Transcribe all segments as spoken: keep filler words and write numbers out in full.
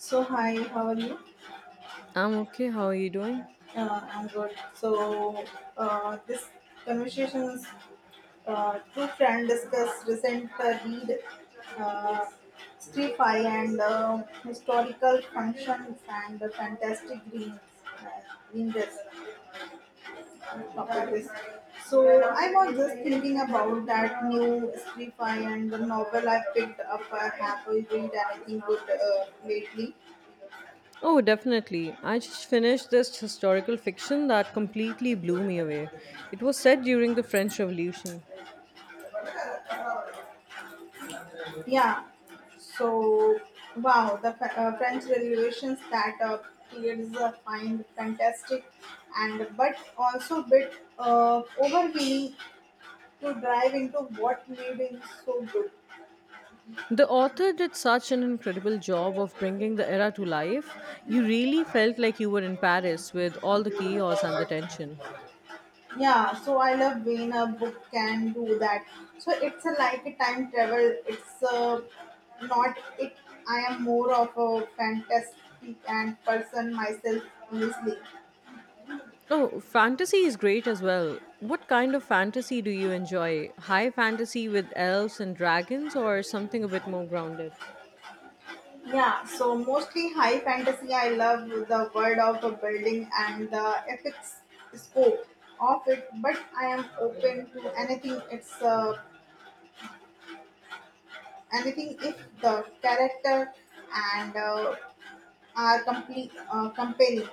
So hi, how are you? I'm okay. How are you doing? Uh, I'm good. So uh, this conversation is uh, two friends discuss recent uh, read, uh, sci-fi and uh, historical functions and the fantastic green uh, green dress topic is. So I was just thinking about that new sci-fi and the novel I picked up. I have read anything good uh, lately. Oh, definitely. I just finished this historical fiction that completely blew me away. It was set during the French Revolution. Yeah. So, wow, the Fr- uh, French Revolutions that uh, period is a find fantastic, and but also bit uh, overwhelming to dive into what made it so good. The author did such an incredible job of bringing the era to life. You really felt like you were in Paris with all the chaos and the tension. Yeah, so I love when a book can do that. So it's a, like a time travel. It's uh, not it. I am more of a fantastic and person myself, honestly. Oh, fantasy is great as well. What kind of fantasy do you enjoy? High fantasy with elves and dragons, or something a bit more grounded? Yeah, so mostly high fantasy. I love the world of the building and the epic scope of it, but I am open to anything. It's uh, anything if the character and uh, are complete uh, compelling.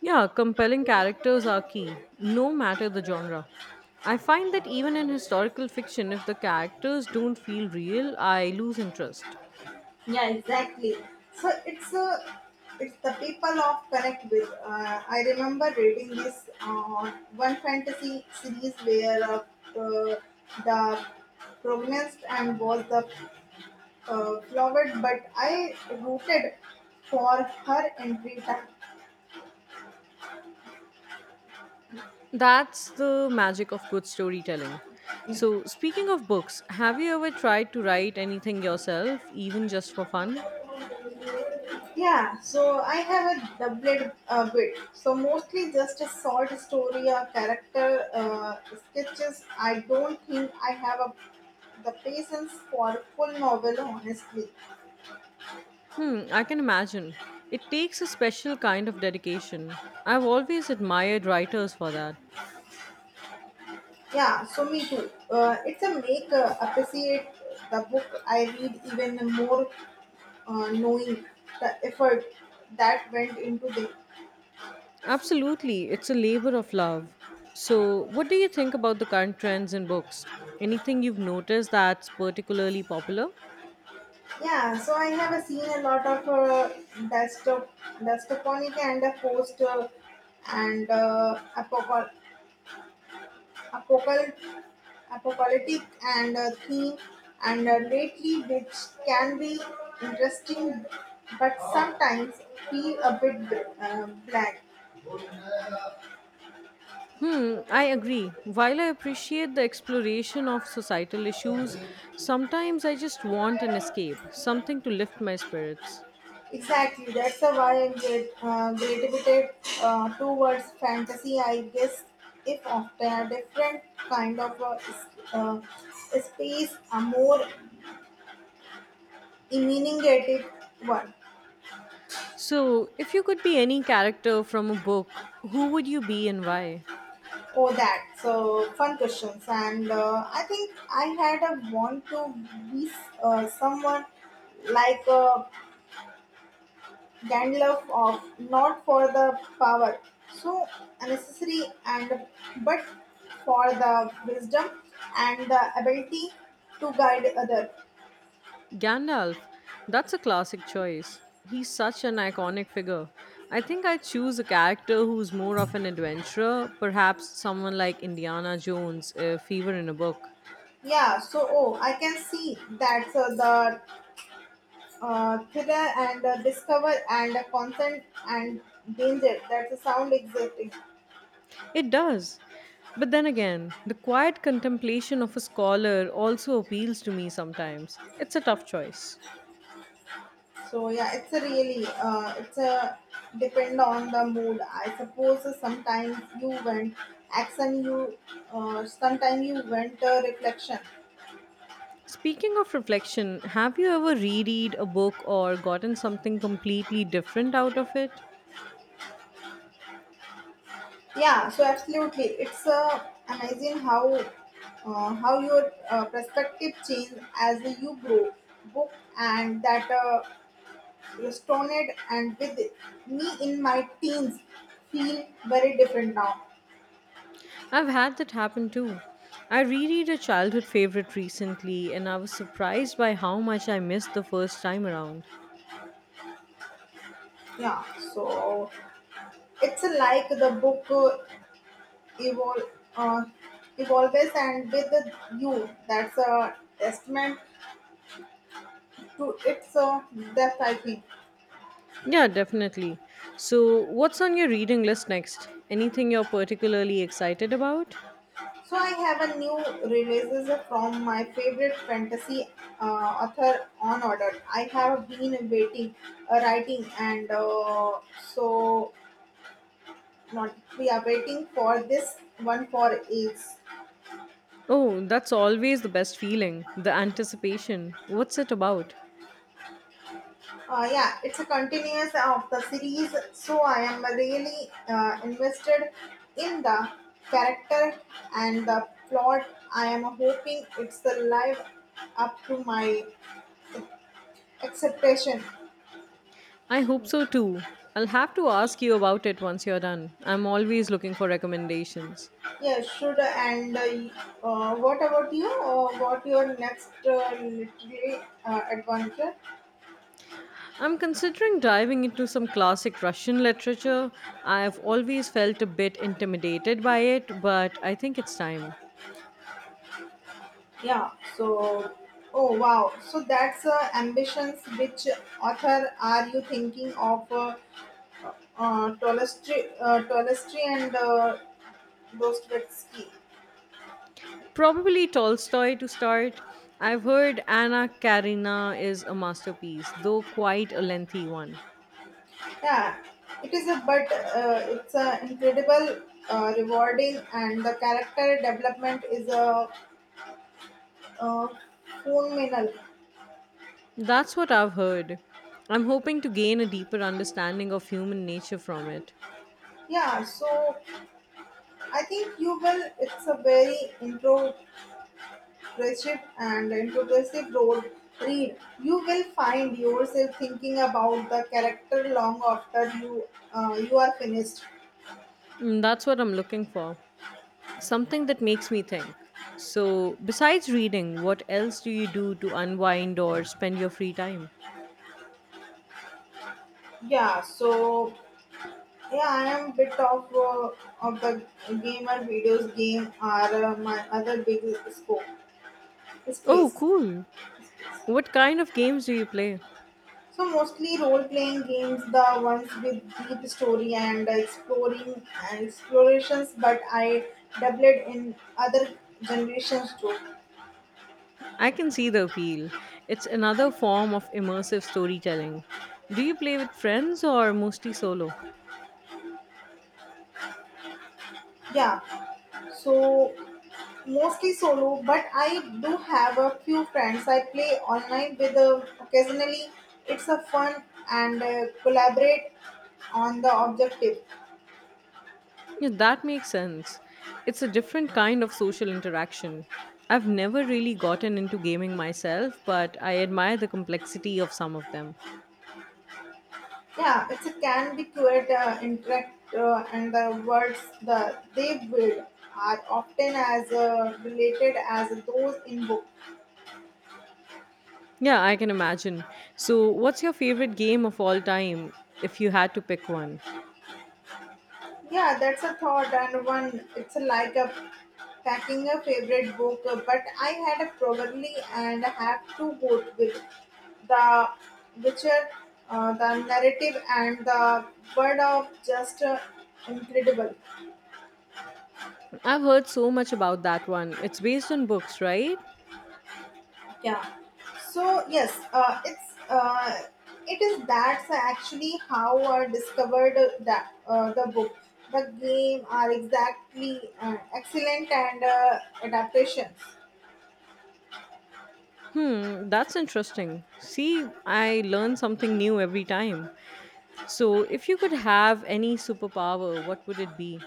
Yeah, compelling characters are key, no matter the genre. I find that even in historical fiction, if the characters don't feel real, I lose interest. Yeah, exactly. So it's a it's the people of connect with. Uh, I remember reading this uh, one fantasy series where uh, uh, the protagonist and was the uh, flowered, but I rooted for her entry time. That's the magic of good storytelling. So, speaking of books, have you ever tried to write anything yourself, even just for fun? Yeah, so I have a doublet a bit. So mostly just a short story or character uh, sketches. I don't think I have a the patience for full novel honestly. Hmm, I can imagine. It takes a special kind of dedication. I've always admired writers for that. Yeah, so me too. Uh, it's a make uh, appreciate the book I read even more, uh, knowing the effort that went into it. Absolutely. It's a labor of love. So, what do you think about the current trends in books? Anything you've noticed that's particularly popular? Yeah, so I have uh, seen a lot of uh, desktop, desktoponic and uh, post uh, and uh, apocal- apocal- apocalyptic and uh, theme and uh, lately, which can be interesting but sometimes feel a bit uh, bland. Hmm, I agree. While I appreciate the exploration of societal issues, sometimes I just want an escape, something to lift my spirits. Exactly, that's a why I'm get, uh, gravitated uh, towards fantasy. I guess if after a different kind of a, s- uh, space, a more imaginative one. So, if you could be any character from a book, who would you be and why? Oh, that so fun questions, and uh, I think I had a want to be uh, someone like a Gandalf of not for the power, so unnecessary, and but for the wisdom and the ability to guide other. Gandalf, that's a classic choice. He's such an iconic figure. I think I'd choose a character who's more of an adventurer, perhaps someone like Indiana Jones if he were in a book. Yeah, so oh, I can see that uh, the uh, thriller and uh, discover and uh, consent and danger. That's a sound existing. It does. But then again, the quiet contemplation of a scholar also appeals to me sometimes. It's a tough choice. So yeah, it's a really uh, it's a depend on the mood. I suppose sometimes you went action, you uh, sometimes you went uh, reflection. Speaking of reflection, have you ever reread a book or gotten something completely different out of it? Yeah, so absolutely, it's uh, amazing how uh, how your uh, perspective change as you grow. Book and that uh, resonated and with me in my teens feel very different now. I've had that happen too. I reread a childhood favorite recently and I was surprised by how much I missed the first time around. Yeah, so it's like the book evolve, uh, evolves and with the you. That's a testament to its uh, depth, I think. Yeah, definitely. So, what's on your reading list next? Anything you're particularly excited about? So I have a new releases from my favorite fantasy uh, author on order. I have been waiting, uh, writing, and uh, so not we are waiting for this one for ages. Oh, that's always the best feeling, the anticipation. What's it about? Uh, yeah, it's a continuous of the series, so I am really uh, invested in the character and the plot. I am hoping it's the live up to my expectation. I hope so too. I'll have to ask you about it once you're done. I'm always looking for recommendations. Yeah, should and uh, uh, what about you? Uh, what your next uh, literary uh, adventure? I'm considering diving into some classic Russian literature. I've always felt a bit intimidated by it, but I think it's time. Yeah, so oh wow, so that's uh, ambitions. Which author are you thinking of? Uh, uh, Tolstoy, uh, Tolstoy and uh, Dostoevsky. Probably Tolstoy to start. I've heard Anna Karina is a masterpiece, though quite a lengthy one. Yeah, it is a but uh, it's a incredible, uh, rewarding, and the character development is a uh, phenomenal. That's what I've heard. I'm hoping to gain a deeper understanding of human nature from it. Yeah, so I think you will. It's a very introspective and introspective road read. You will find yourself thinking about the character long after you uh, you are finished. Mm, that's what I'm looking for. Something that makes me think. So, besides reading, what else do you do to unwind or spend your free time? Yeah, so yeah, I am bit of uh, of the gamer videos game are uh, my other big scope Oh, space. cool. What kind of games do you play? So mostly role playing games, the ones with deep story and exploring and explorations. But I dabbled in other generations too. I can see the appeal. It's another form of immersive storytelling. Do you play with friends or mostly solo? Yeah, so mostly solo, but I do have a few friends. I play online with uh, occasionally. It's a fun and uh, collaborate on the objective. Yeah, that makes sense. It's a different kind of social interaction. I've never really gotten into gaming myself, but I admire the complexity of some of them. Yeah, it's a can be quite uh, interact, uh, and the words that they build are often as uh, related as those in book. Yeah, I can imagine. So, what's your favorite game of all time if you had to pick one? Yeah, that's a thought, and one it's like a packing a favorite book. uh, But I had a probably and have to go with the Witcher. Uh, uh, the narrative and the word of just uh, incredible. I've heard so much about that one. It's based on books, right? Yeah, so yes, uh, it's uh, it is that's actually how I discovered that uh, the book the game are exactly uh, excellent and uh, adaptations. Hmm, that's interesting. See, I learn something new every time. So, if you could have any superpower, what would it be?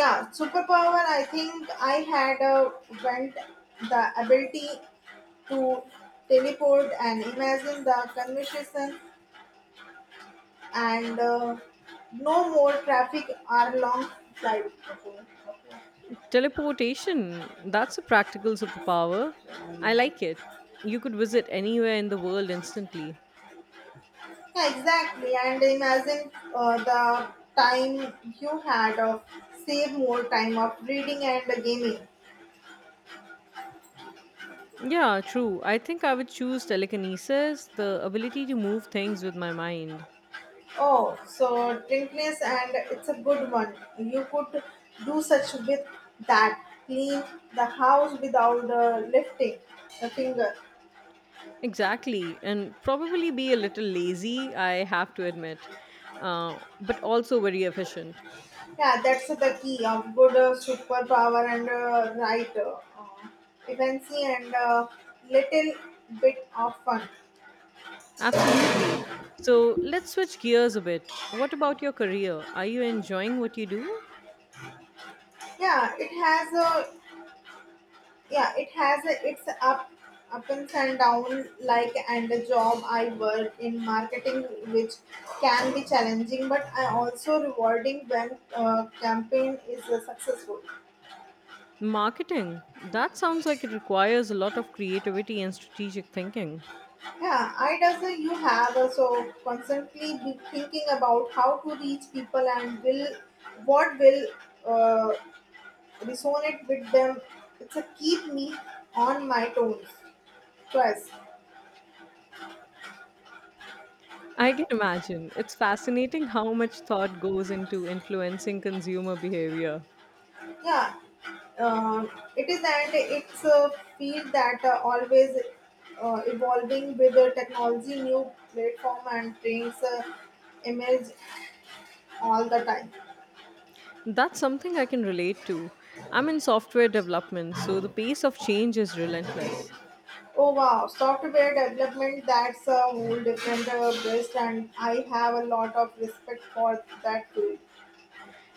Yeah, superpower, I think I had uh, went the ability to teleport and imagine the conversation and uh, no more traffic or long flight, okay. Teleportation. That's a practical superpower. I like it. You could visit anywhere in the world instantly. Yeah, exactly. And imagine uh, the time you had of save more time of reading and gaming. Yeah, true. I think I would choose telekinesis, the ability to move things with my mind. Oh, so drinkless and it's a good one. You could do such with that. Clean the house without uh, lifting a finger. Exactly, and probably be a little lazy, I have to admit, uh, but also very efficient. Yeah, that's the key of good uh, superpower and uh, right uh, uh, efficiency and uh, little bit of fun. Absolutely. So let's switch gears a bit. What about your career? Are you enjoying what you do? Yeah, it has a yeah it has a, its up ups and down like and the job I work in marketing, which can be challenging but I also rewarding when uh, campaign is uh, successful. Marketing. That sounds like it requires a lot of creativity and strategic thinking. Yeah, I does, uh, you have also constantly be thinking about how to reach people and will what will uh, resonate with them. It's a keep me on my toes twice. I can imagine. It's fascinating how much thought goes into influencing consumer behavior. Yeah, uh, it is, that it's a field that uh, always uh, evolving with the technology, new platform and things uh, emerge all the time. That's something I can relate to. I'm in software development, so the pace of change is relentless. Oh wow, software development, that's a whole different uh, beast, and I have a lot of respect for that field.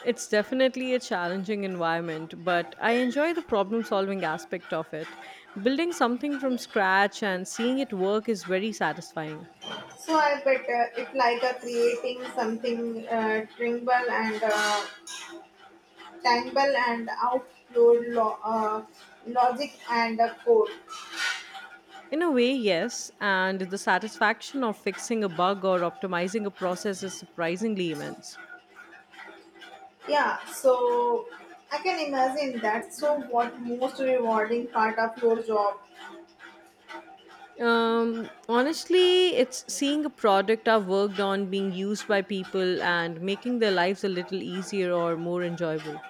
It's definitely a challenging environment, but I enjoy the problem solving aspect of it. Building something from scratch and seeing it work is very satisfying. So I bet uh, it like uh, creating something uh, tangible and uh, tangible and out your lo- uh, logic and uh, code. In a way, yes, and the satisfaction of fixing a bug or optimizing a process is surprisingly immense. Yeah, so I can imagine that. So what most rewarding part of your job? Um, honestly, it's seeing a product I've worked on being used by people and making their lives a little easier or more enjoyable.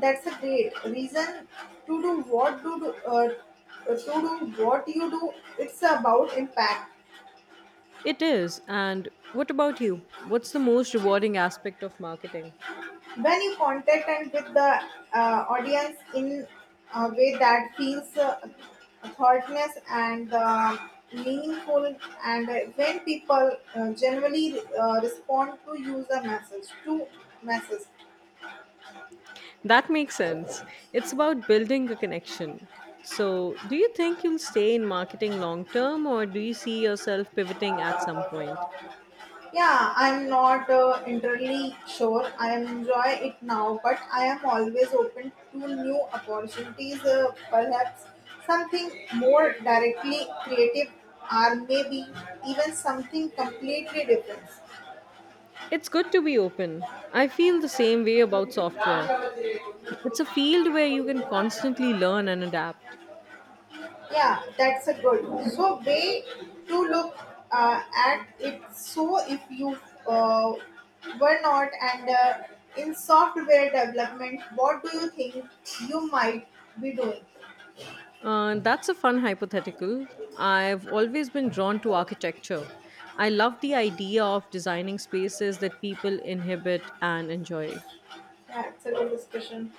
That's a great reason to do what do do, uh, to do what you do. It's about impact. It is, and what about you? What's the most rewarding aspect of marketing? When you contact and with the uh, audience in a way that feels uh, thoughtness and uh, meaningful, and when people uh, generally uh, respond to user message to message. That makes sense. It's about building a connection. So, do you think you'll stay in marketing long term or do you see yourself pivoting at some point? Yeah, I'm not uh, entirely sure I enjoy it now, but I am always open to new opportunities, uh, perhaps something more directly creative, or maybe even something completely different. It's good to be open. I feel the same way about software. It's a field where you can constantly learn and adapt. Yeah, that's a good. So way to look uh, at it. So if you uh, were not and uh, in software development, what do you think you might be doing? Uh, that's a fun hypothetical. I've always been drawn to architecture. I love the idea of designing spaces that people inhabit and enjoy. Excellent discussion.